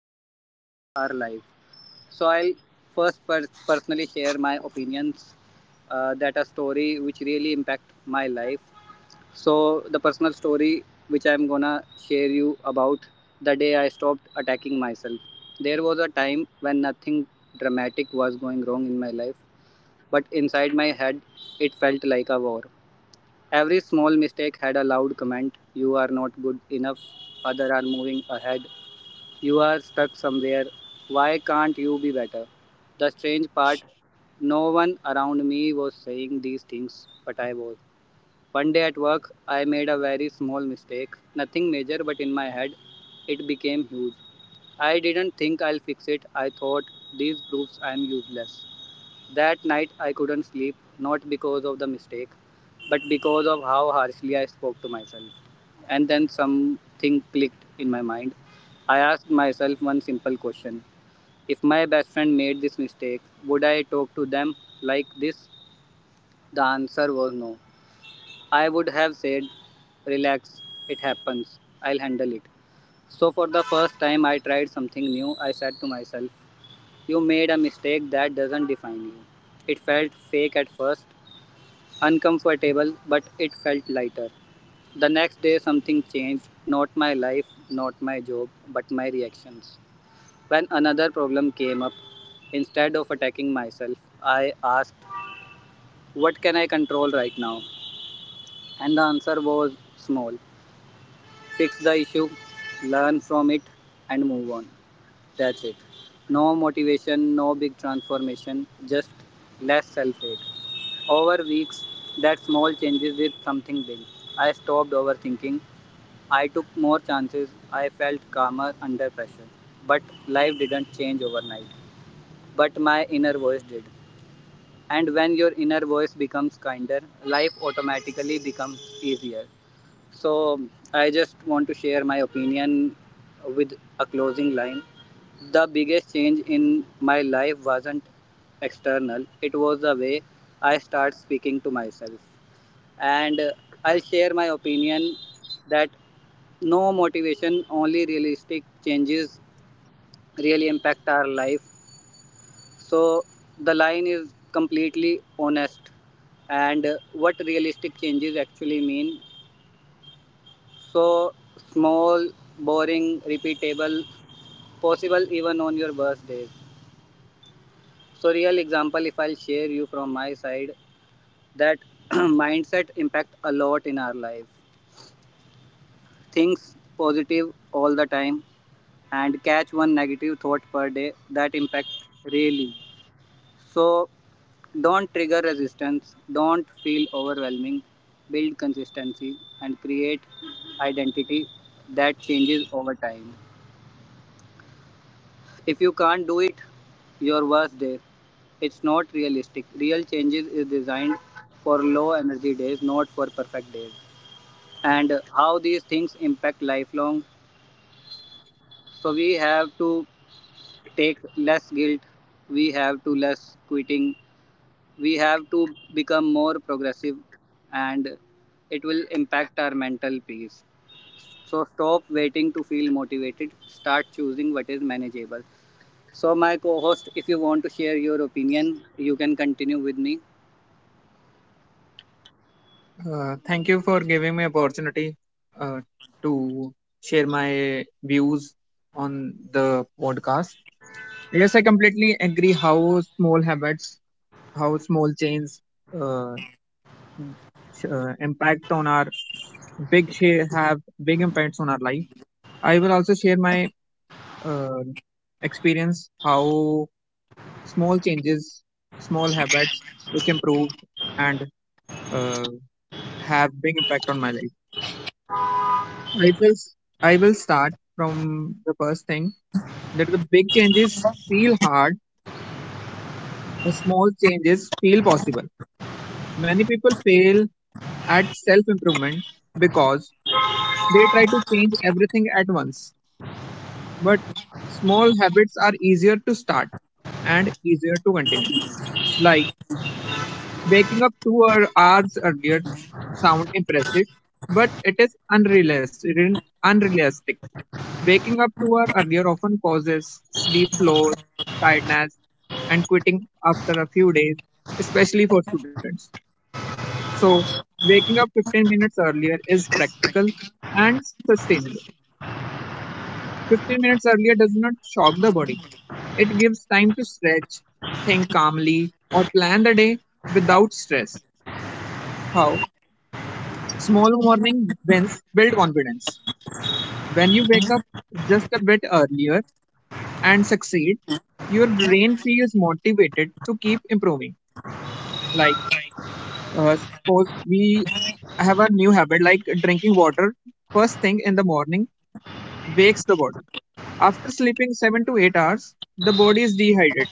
big impact on our life, so I'll first personally share my opinions, that a story which really impact my life. So the personal story which I'm gonna share you about the day I stopped attacking myself. There was a time when nothing dramatic was going wrong in my life, but inside my head it felt like a war. Every small mistake had a loud comment, you are not good enough, others are moving ahead, you are stuck somewhere, why can't you be better? The strange part, no one around me was saying these things, but I was. One day at work, I made a very small mistake. Nothing major, but in my head, it became huge. I didn't think I'll fix it. I thought these proofs I'm useless. That night, I couldn't sleep, not because of the mistake, but because of how harshly I spoke to myself. And then something clicked in my mind. I asked myself one simple question, if my best friend made this mistake, would I talk to them like this? The answer was no. I would have said, relax, it happens, I'll handle it. So, for the first time I tried something new, I said to myself, you made a mistake that doesn't define you. It felt fake at first, uncomfortable, but it felt lighter. The next day, something changed, not my life, not my job, but my reactions. When another problem came up, instead of attacking myself, I asked, what can I control right now? And the answer was small. Fix the issue, learn from it, and move on. That's it. No motivation, no big transformation, just less self hate. Over weeks, that small changes did something big. I stopped overthinking. I took more chances. I felt calmer under pressure. But life didn't change overnight. But my inner voice did. And when your inner voice becomes kinder, life automatically becomes easier. So I just want to share my opinion with a closing line. The biggest change in my life wasn't external, it was the way I start speaking to myself. And I'll share my opinion that no motivation, only realistic changes really impact our life. So the line is completely honest, and what realistic changes actually mean. So small, boring, repeatable, possible even on your worst days. So real example, if I'll share you from my side, that mindset impact a lot in our life. Things positive all the time and catch one negative thought per day, that impact really. So don't trigger resistance, don't feel overwhelming, build consistency and create identity that changes over time. If you can't do it, your worst day. It's not realistic. Real changes is designed for low energy days, not for perfect days. And how these things impact lifelong. So we have to take less guilt. We have to less quitting. We have to become more progressive, and it will impact our mental peace. So stop waiting to feel motivated. Start choosing what is manageable. So, my co host, if you want to share your opinion, you can continue with me. Thank you for giving me opportunity uh, to share my views on the podcast. Yes, I completely agree how small habits, how small changes uh, impact on our big share have big impacts on our life. I will also share my uh, experience how small changes, small habits which improve and uh, have big impact on my life. I will s- I will start from the first thing that the big changes feel hard, the small changes feel possible. Many people fail at self improvement because they try to change everything at once. But small habits are easier to start and easier to continue. Like waking up hours earlier sounds impressive, but it is unrealistic. Waking up 2 hours earlier often causes sleep loss, tiredness, and quitting after a few days, especially for students. So, waking up 15 minutes earlier is practical and sustainable. 15 minutes earlier does not shock the body. It gives time to stretch, think calmly, or plan the day without stress. How? Small morning wins build confidence. When you wake up just a bit earlier and succeed, your brain feels motivated to keep improving. Like, Suppose we have a new habit like drinking water first thing in the morning wakes the body. After sleeping 7 to 8 hours, the body is dehydrated.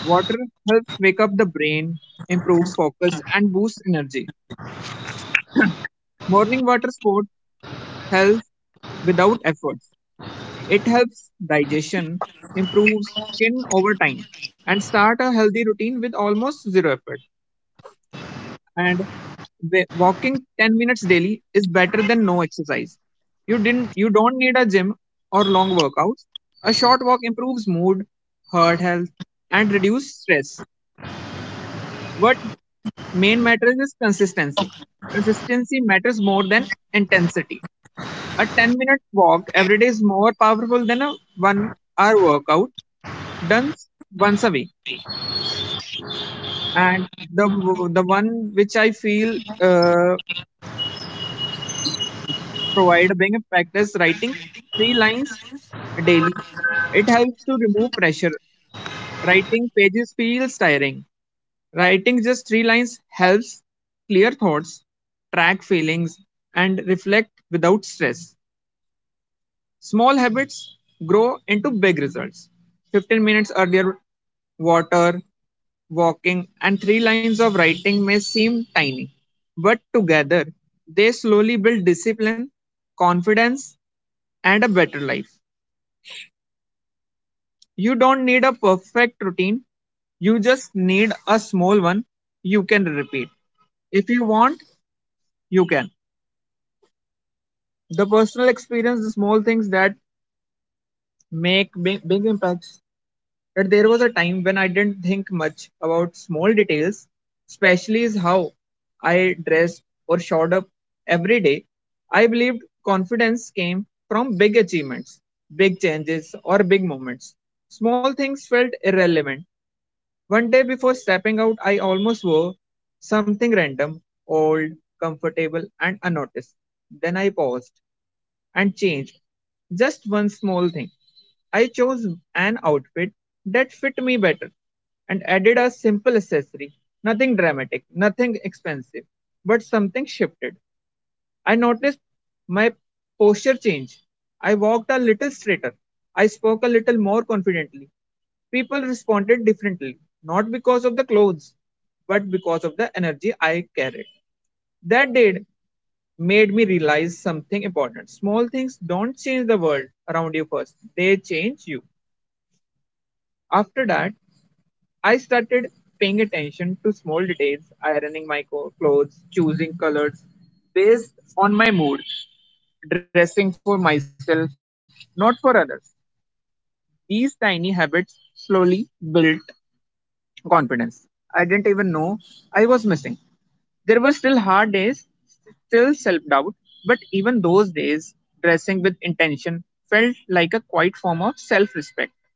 Water helps wake up the brain, improves focus, and boosts energy. Morning water sport health without effort. It helps digestion, improves skin over time, and start a healthy routine with almost zero effort. And walking 10 minutes daily is better than no exercise. You don't need a gym or long workouts. A short walk improves mood, heart health, and reduce stress. What main matters is consistency. Consistency matters more than intensity. A 10-minute walk every day is more powerful than a 1 hour workout done once a week. And the the one which I feel uh, provide being a practice, writing three lines daily, it helps to remove pressure. Writing pages feels tiring, writing just three lines helps clear thoughts, track feelings, and reflect without stress. Small habits grow into big results. 15 minutes earlier, water, walking, and three lines of writing may seem tiny, but together they slowly build discipline, confidence, and a better life. You don't need a perfect routine, you just need a small one you can repeat. If you want, you can. The personal experience, the small things that make big, big impacts, that there was a time when I didn't think much about small details, especially is how I dressed or showed up every day. I believed confidence came from big achievements, big changes, or big moments. Small things felt irrelevant. One day before stepping out, I almost wore something random, old, comfortable, and unnoticed. Then I paused and change. Just one small thing. I chose an outfit that fit me better and added a simple accessory. Nothing dramatic, nothing expensive, but something shifted. I noticed my posture change. I walked a little straighter. I spoke a little more confidently. People responded differently, not because of the clothes, but because of the energy I carried. That day, made me realize something important. Small things don't change the world around you first, they change you. After that, I started paying attention to small details, ironing my clothes, choosing colors based on my mood, dressing for myself, not for others. These tiny habits slowly built confidence. I didn't even know I was missing. There were still hard days, still self doubt, but even those days, dressing with intention felt like a quiet form of self respect.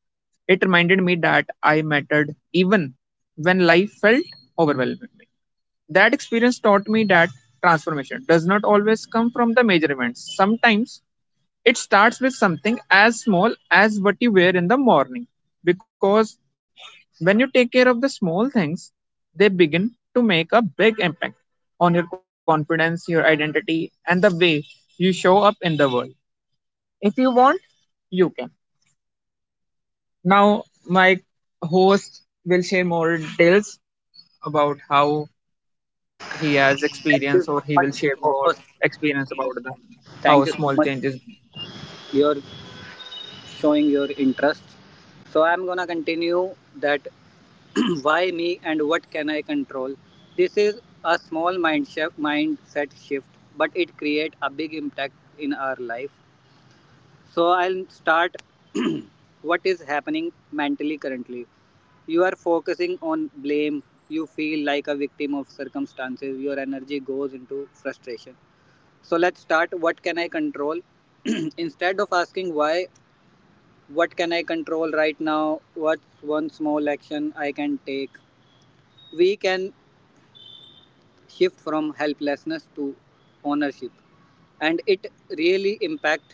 It reminded me that I mattered even when life felt overwhelming. That experience taught me that transformation does not always come from the major events. Sometimes it starts with something as small as what you wear in the morning, because when you take care of the small things, they begin to make a big impact on your confidence, your identity, and the way you show up in the world. If you want, you can. Now, my host will share more details about how he has Thank you experience, or so he much, will share co more host. experience about the how Thank you so small much. changes. You're showing your interest. So, I'm gonna continue that why me and what can I control. This is a small mindset shift, but it creates a big impact in our life. So I'll start what is happening mentally currently. You are focusing on blame. You feel like a victim of circumstances. Your energy goes into frustration. So let's start, what can I control? Instead of asking why, what can I control right now? What's one small action I can take? We can shift from helplessness to ownership. And it really impact,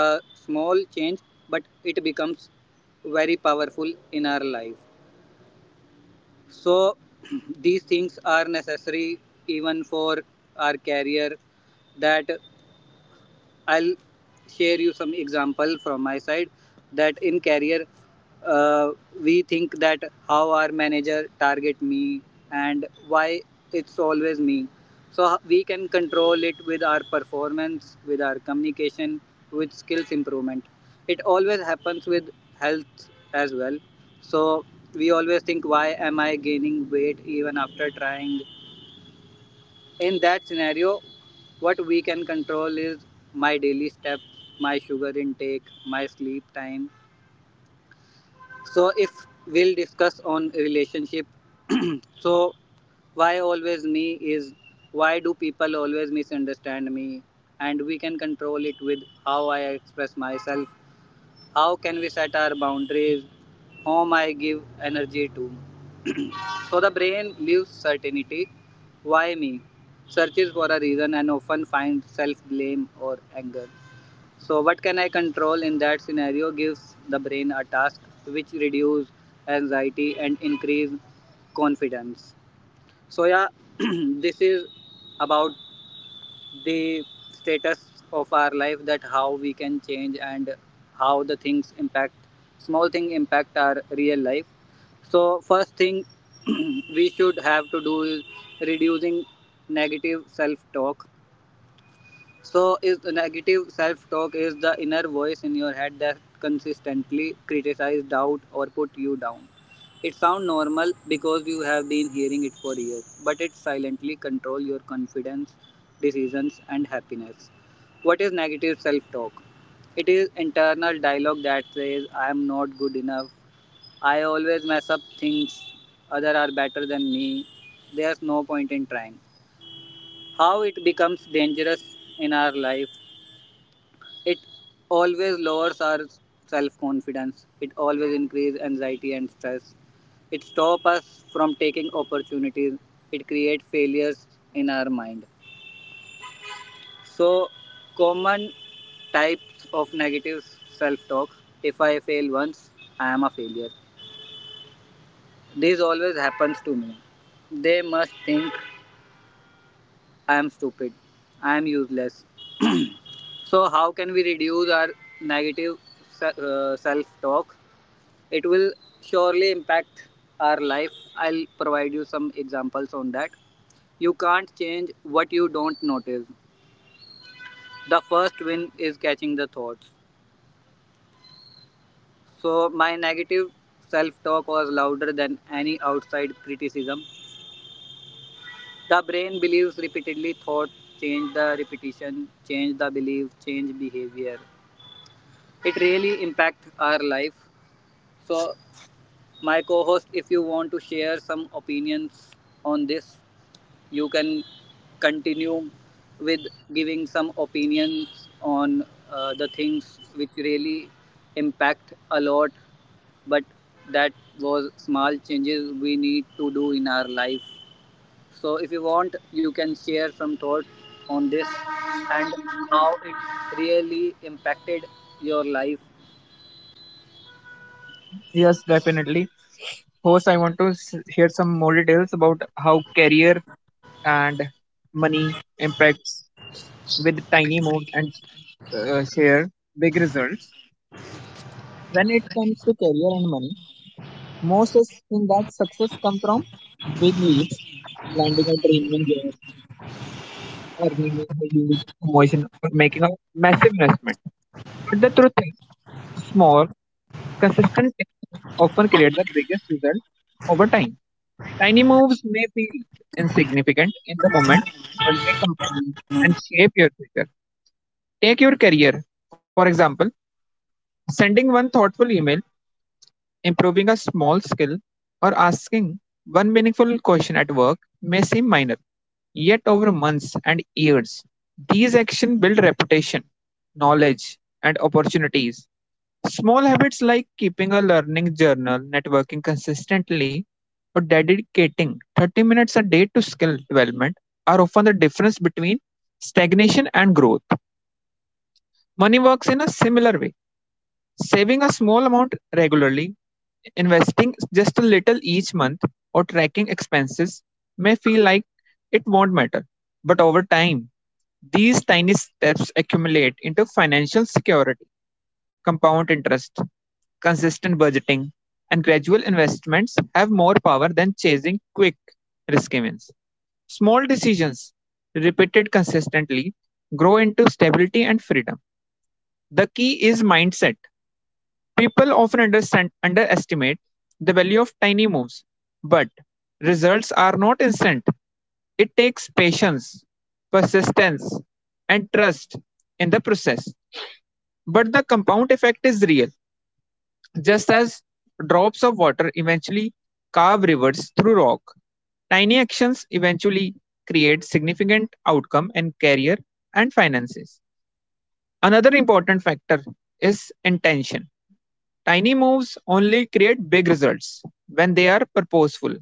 a small change, but it becomes very powerful in our life. So these things are necessary even for our career. That I'll share you some example from my side, that in career, uh, we think that how our manager target me and why it's always me. So we can control it with our performance, with our communication, with skills improvement. It always happens with health as well. So we always think, why am I gaining weight even after trying? In that scenario, what we can control is my daily steps, my sugar intake, my sleep time. So if we'll discuss on relationship, so why always me, is why do people always misunderstand me, and we can control it with how I express myself, how can we set our boundaries, whom I give energy to. So the brain leaves certainty, why me, searches for a reason and often finds self blame or anger. So what can I control in that scenario gives the brain a task which reduce anxiety and increase confidence. So yeah, this is about the status of our life, that how we can change and how the things impact, small thing impact our real life. So first thing, we should have to do is reducing negative self talk. So, is negative self talk, is the inner voice in your head that consistently criticize, doubt, or put you down. It sounds normal because you have been hearing it for years, but it silently controls your confidence, decisions, and happiness. What is negative self talk? It is internal dialogue that says, I am not good enough, I always mess up things, others are better than me, there's no point in trying. How it becomes dangerous in our life, it always lowers our self confidence. It always increases anxiety and stress. It stops us from taking opportunities. It creates failures in our mind. So, common types of negative self talk, if I fail once, I am a failure. This always happens to me. They must think I am stupid, I am useless. So, how can we reduce our negative self talk? It will surely impact our life. I'll provide you some examples on that. You can't change what you don't notice. The first win is catching the thoughts. So my negative self talk was louder than any outside criticism. The brain believes repeatedly thought, change the repetition, change the belief, change behavior. It really impacts our life. So my co-host, if you want to share some opinions on this, you can continue with giving some opinions on, the things which really impact a lot, but that was small changes we need to do in our life. So if you want you can share some thoughts on this and how it really impacted your life. Yes, definitely. Host, I want to s- hear some more details about how career and money impacts with tiny moves and share big results. When it comes to career and money, most think that success comes from big leaps, landing a dreaming job, earning a huge promotion, or making a massive investment. But the truth is, small, consistent efforts often create the biggest result over time. Tiny moves may feel insignificant in the moment, but they compound and shape your future. Take your career, for example, sending one thoughtful email, improving a small skill, or asking one meaningful question at work may seem minor, yet over months and years, these actions build reputation, knowledge, and opportunities. Small habits like keeping a learning journal, networking consistently, or dedicating 30 minutes a day to skill development are often the difference between stagnation and growth. Money works in a similar way. Saving a small amount regularly, investing just a little each month, or tracking expenses may feel like it won't matter. But over time, these tiny steps accumulate into financial security. Compound interest, consistent budgeting, and gradual investments have more power than chasing quick, risky wins. Small decisions, repeated consistently, grow into stability and freedom. The key is mindset. Underestimate the value of tiny moves, but results are not instant. It takes patience, persistence, and trust in the process. But the compound effect is real, just as drops of water eventually carve rivers through rock. Tiny actions eventually create significant outcome in career and finances. Another important factor is intention. Tiny moves only create big results when they are purposeful.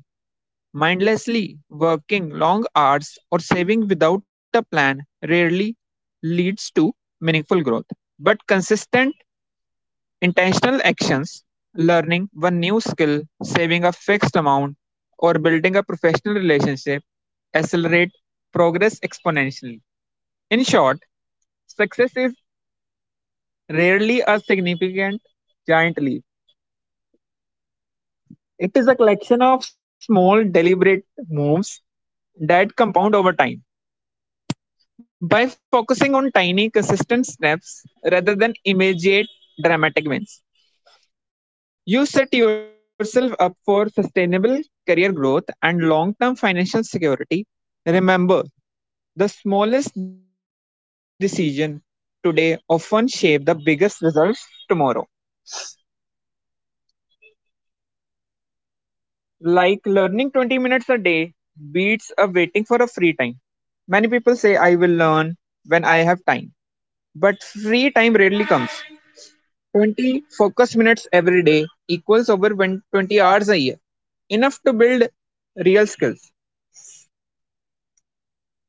Mindlessly working long hours or saving without a plan rarely leads to meaningful growth. But consistent, intentional actions, learning one new skill, saving a fixed amount, or building a professional relationship accelerate progress exponentially. In short, success is rarely a significant giant leap. It is a collection of small, deliberate moves that compound over time. By focusing on tiny, consistent steps rather than immediate, dramatic wins, you set yourself up for sustainable career growth and long term financial security. Remember, the smallest decision today often shape the biggest results tomorrow. Like learning 20 minutes a day beats a waiting for a free time. Many people say, I will learn when I have time. But rarely comes. 20 focus minutes every day equals over 20 hours a year. Enough to build real skills.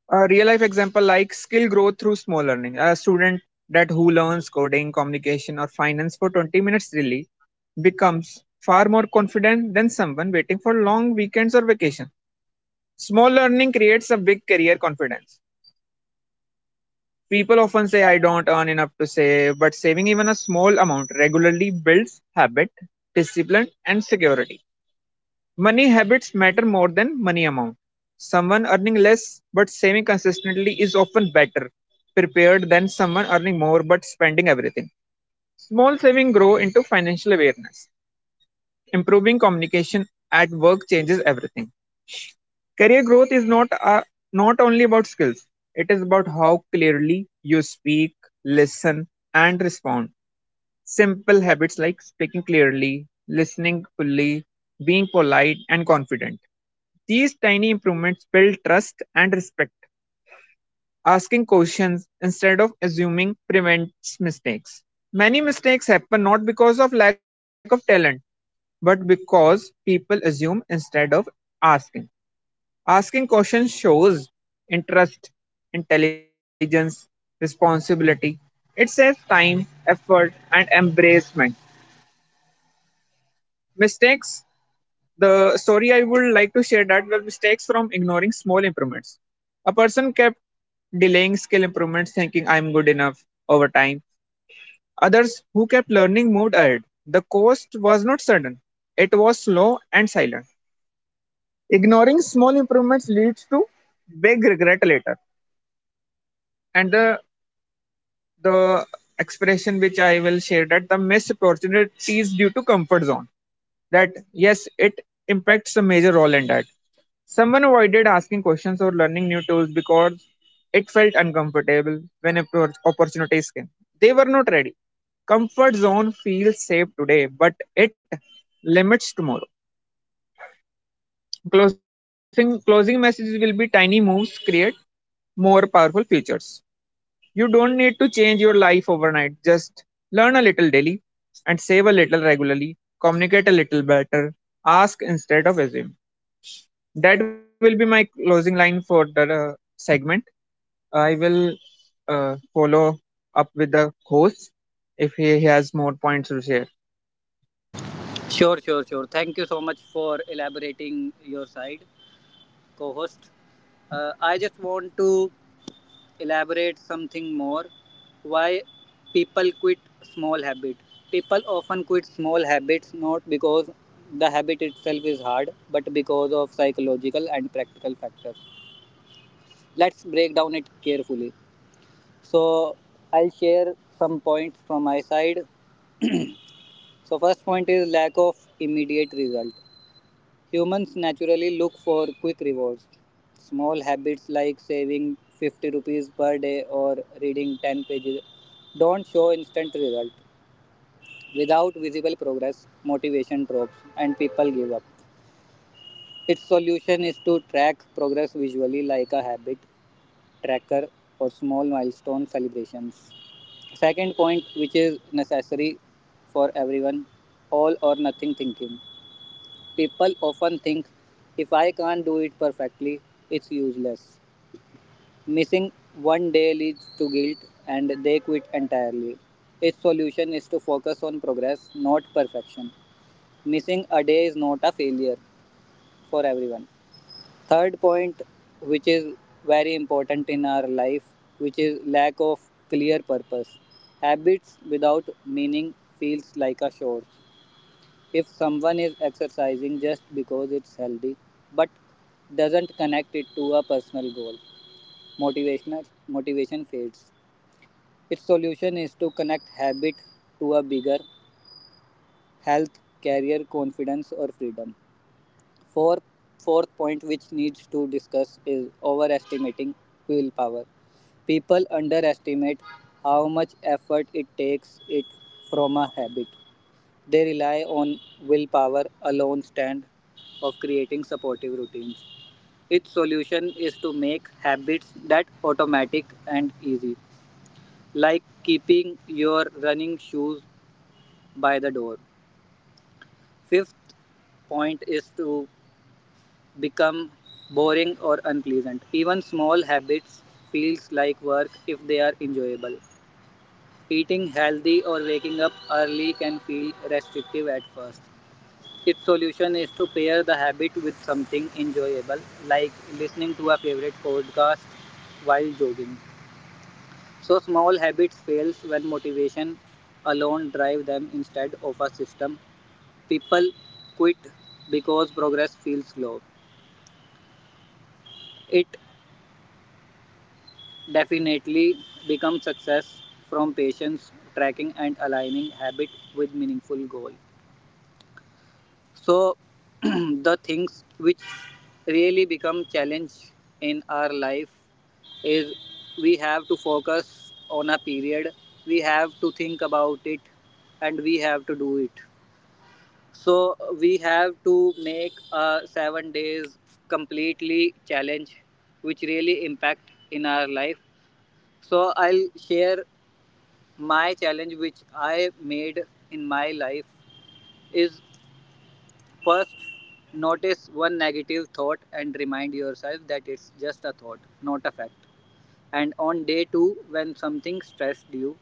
A real life example like skill growth through small learning. A student that who learns coding, communication, or finance for 20 minutes daily becomes far more confident than someone waiting for long weekends or vacation. Small learning creates a big career confidence. People often say I don't earn enough save, but saving even a small amount regularly builds habit, discipline, and security. Money habits matter more than money amount. Someone earning less but saving consistently is often better prepared than someone earning more but spending everything. Small savings grow into financial awareness. Improving communication at work changes everything. Career growth is not only about skills. It is about how clearly you speak, listen, and respond. Simple habits like speaking clearly, listening fully, being polite and confident. These tiny improvements build trust and respect. Asking questions instead of assuming prevents mistakes. Many mistakes happen not because of lack of talent, but because people assume instead of asking. Asking questions shows interest, intelligence, responsibility. It saves time, effort, and embracement. Mistakes. The story I would like to share that were mistakes from ignoring small improvements. A person kept delaying skill improvements, thinking I'm good enough over time. Others who kept learning moved ahead. The cost was not sudden, it was slow and silent. Ignoring small improvements leads to big regret later. And the expression which I will share that the missed opportunities due to comfort zone. That yes, it impacts a major role in that. Someone avoided asking questions or learning new tools because it felt uncomfortable when opportunities came. They were not ready. Comfort zone feels safe today, but it limits tomorrow. Closing closing messages will be tiny moves create more powerful futures. You don't need your life overnight. Just learn a little daily and save a little regularly. Communicate a little better. Ask instead of assume. That will be my closing line for the segment. I will follow up with the host if he has more points to share. Sure, sure, sure, thank you so much for elaborating your side, co-host. I just want to elaborate something more, why people quit small habit. People often quit small habits not because the habit itself is hard but because of psychological and practical factors. Let's break down it carefully. So I'll share some points from my side. So first point is lack of immediate result. Humans naturally look for quick rewards. Small habits like saving 50 rupees per day or reading 10 pages don't show instant result. Without visible progress, motivation drops and people give up. Its solution is to track progress visually like a habit tracker or small milestone celebrations. Second point, which is necessary for everyone, all or nothing thinking. People often think if I can't do it perfectly, it's useless. Missing one day leads to guilt and they quit entirely. Its solution is to focus on progress, not perfection. Missing a day is not a failure for everyone. Third point, which is very important in our life, which is lack of clear purpose. Habits without meaning feels like a chore. If someone is exercising just because it's healthy but doesn't connect it to a personal goal, motivation fades. Its solution is to connect habit to a bigger health, career, confidence or freedom. Four, fourth point which needs to discuss is overestimating willpower. People underestimate how much effort it takes it from a habit. They rely on willpower alone instead of creating supportive routines. Its solution is to make habits that automatic and easy, like keeping your running shoes by the door. Fifth point is to become boring or unpleasant. Even small habits feels like work if they are enjoyable. Eating healthy or waking up early can feel restrictive at first. Its solution is to pair the habit with something enjoyable, like listening to a favorite podcast while jogging. So small habits fails when motivation alone drive them instead of a system. People quit because progress feels slow. It definitely becomes success from patience, tracking and aligning habit with meaningful goal. So the things which really become challenge in our life is, we have to focus on a period, we have to think about it, and we have to do it. So we have to make 7 days completely challenge which really impact in our life. So I'll share my challenge which I made in my life is, first, notice one negative thought and remind yourself that it's just a thought, not a fact. And on day two, when something stressed you,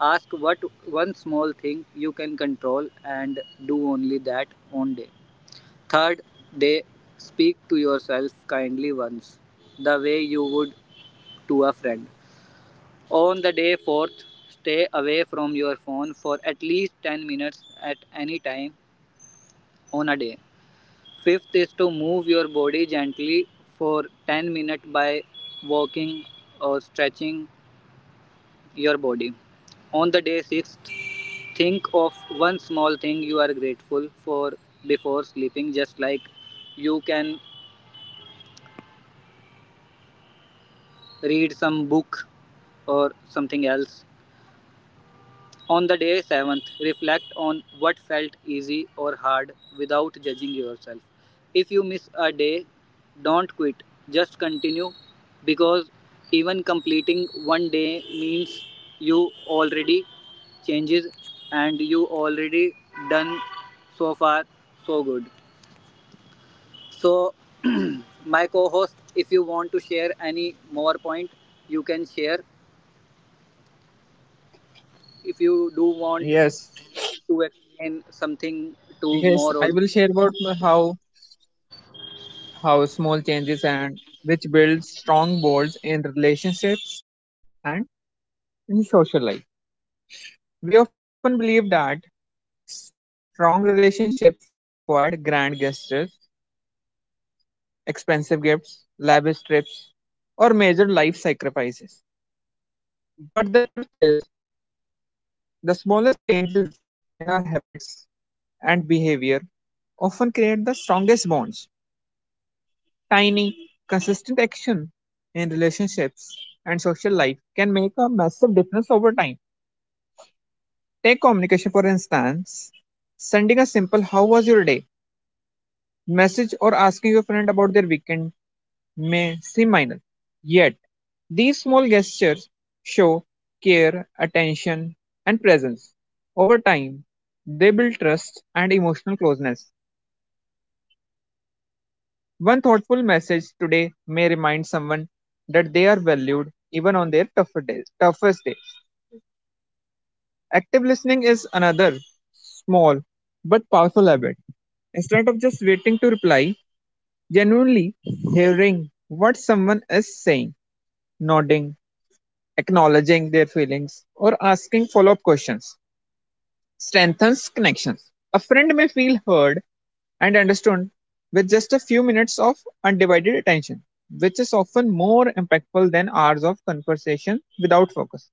ask what one small thing you can control and do only that on day. Third day, speak to yourself kindly once, the way you would to a friend. On the day fourth, stay away from your phone for at least 10 minutes at any time on a day. Fifth is to move your body gently for 10 minutes by walking or stretching your body. On the day sixth, think of one small thing you are grateful for before sleeping, just like you can read some book or something else. On the day seventh, reflect on what felt easy or hard without judging yourself. If you miss a day, don't quit, just continue, because even completing one day means you already changes and you already done so far so good. So my co-host, if you want to share any more point you can share, if you do want to Yes, explain something to more audience. because I will share about my how small changes and which builds strong bonds in relationships and in social life. We often believe that strong relationships required grand gestures, expensive gifts, lavish trips, or major life sacrifices. But the truth is, the smallest changes in our habits and behavior often create the strongest bonds. Tiny, consistent action in relationships and social life can make a massive difference over time. Take communication for instance. Sending a simple how was your day message or asking your friend about their weekend may seem. Yet, these small gestures show care, attention, and presence. Over time, they build trust and emotional closeness. One thoughtful message today may remind someone that they are valued even on their tougher days, toughest days. Active listening is another small but powerful. Instead of just waiting to reply, genuinely hearing what someone is saying, nodding, acknowledging their feelings, or asking follow up questions strengthens connections. A friend may feel heard and understood with just a few minutes of undivided attention, which is often more impactful than hours of conversation without focus.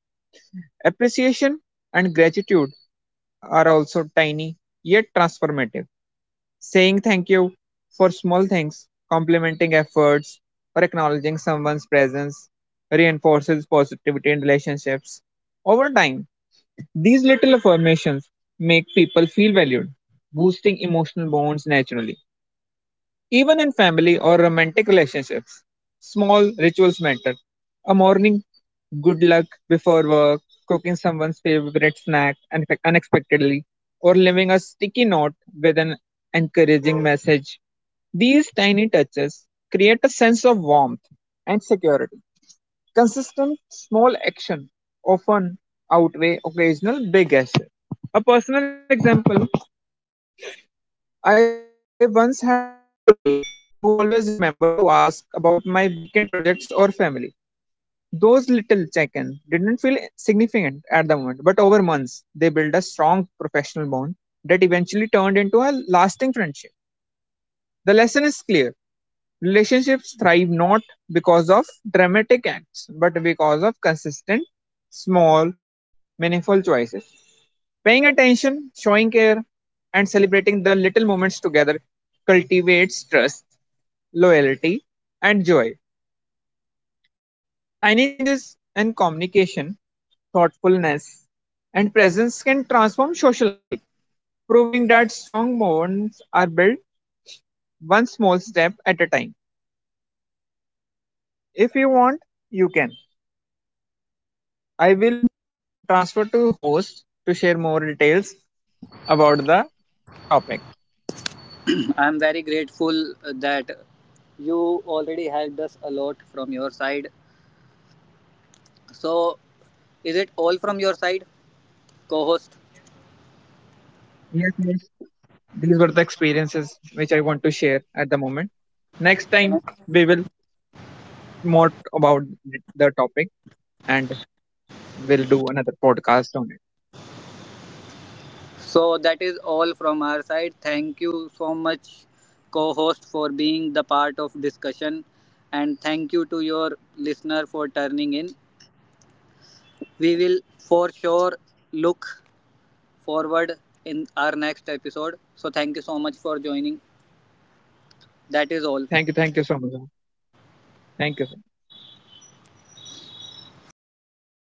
Appreciation and gratitude are also tiny yet transformative. Saying thank you for small things, complimenting efforts, or acknowledging someone's presence reinforces positivity in relationships. Over time, these little affirmations make people feel valued, boosting emotional bonds naturally. Even in family or romantic relationships, small rituals matter. A morning good luck before work, cooking someone's favorite snack unexpectedly, or leaving a note with an encouraging message. These tiny touches create a sense of warmth and security. Consistent small action often outweigh occasional big gesture. A personal example, I once had a colleague who always remembered to ask about my weekend projects or family. Those little check in didn't feel significant at the moment, but over months they built a strong professional bond that eventually turned into a lasting friendship. The lesson is clear, relationships thrive not because of dramatic acts, but because of consistent, small, meaningful choices. Paying attention, showing care, and celebrating the little moments together cultivates trust, loyalty, and joy. Tiny changes in communication, thoughtfulness, and presence can transform social life, proving that strong bonds are built one small step at a time. If you want, you can. I will transfer to host to share more details about the topic. I'm very grateful that you already helped us a lot from your side. So, is it all from your side, co host? Yes, yes. These were the experiences which I want to share at the moment. Next time we will more about the topic and we'll do another podcast on it. So, that is all from our side. Thank you so much, co host, for being the part of discussion. And thank you to your listener for turning in. We will for sure look forward in our next episode. So, thank you so much for joining. That is all. Thank you. Thank you so much. Thank you. So much.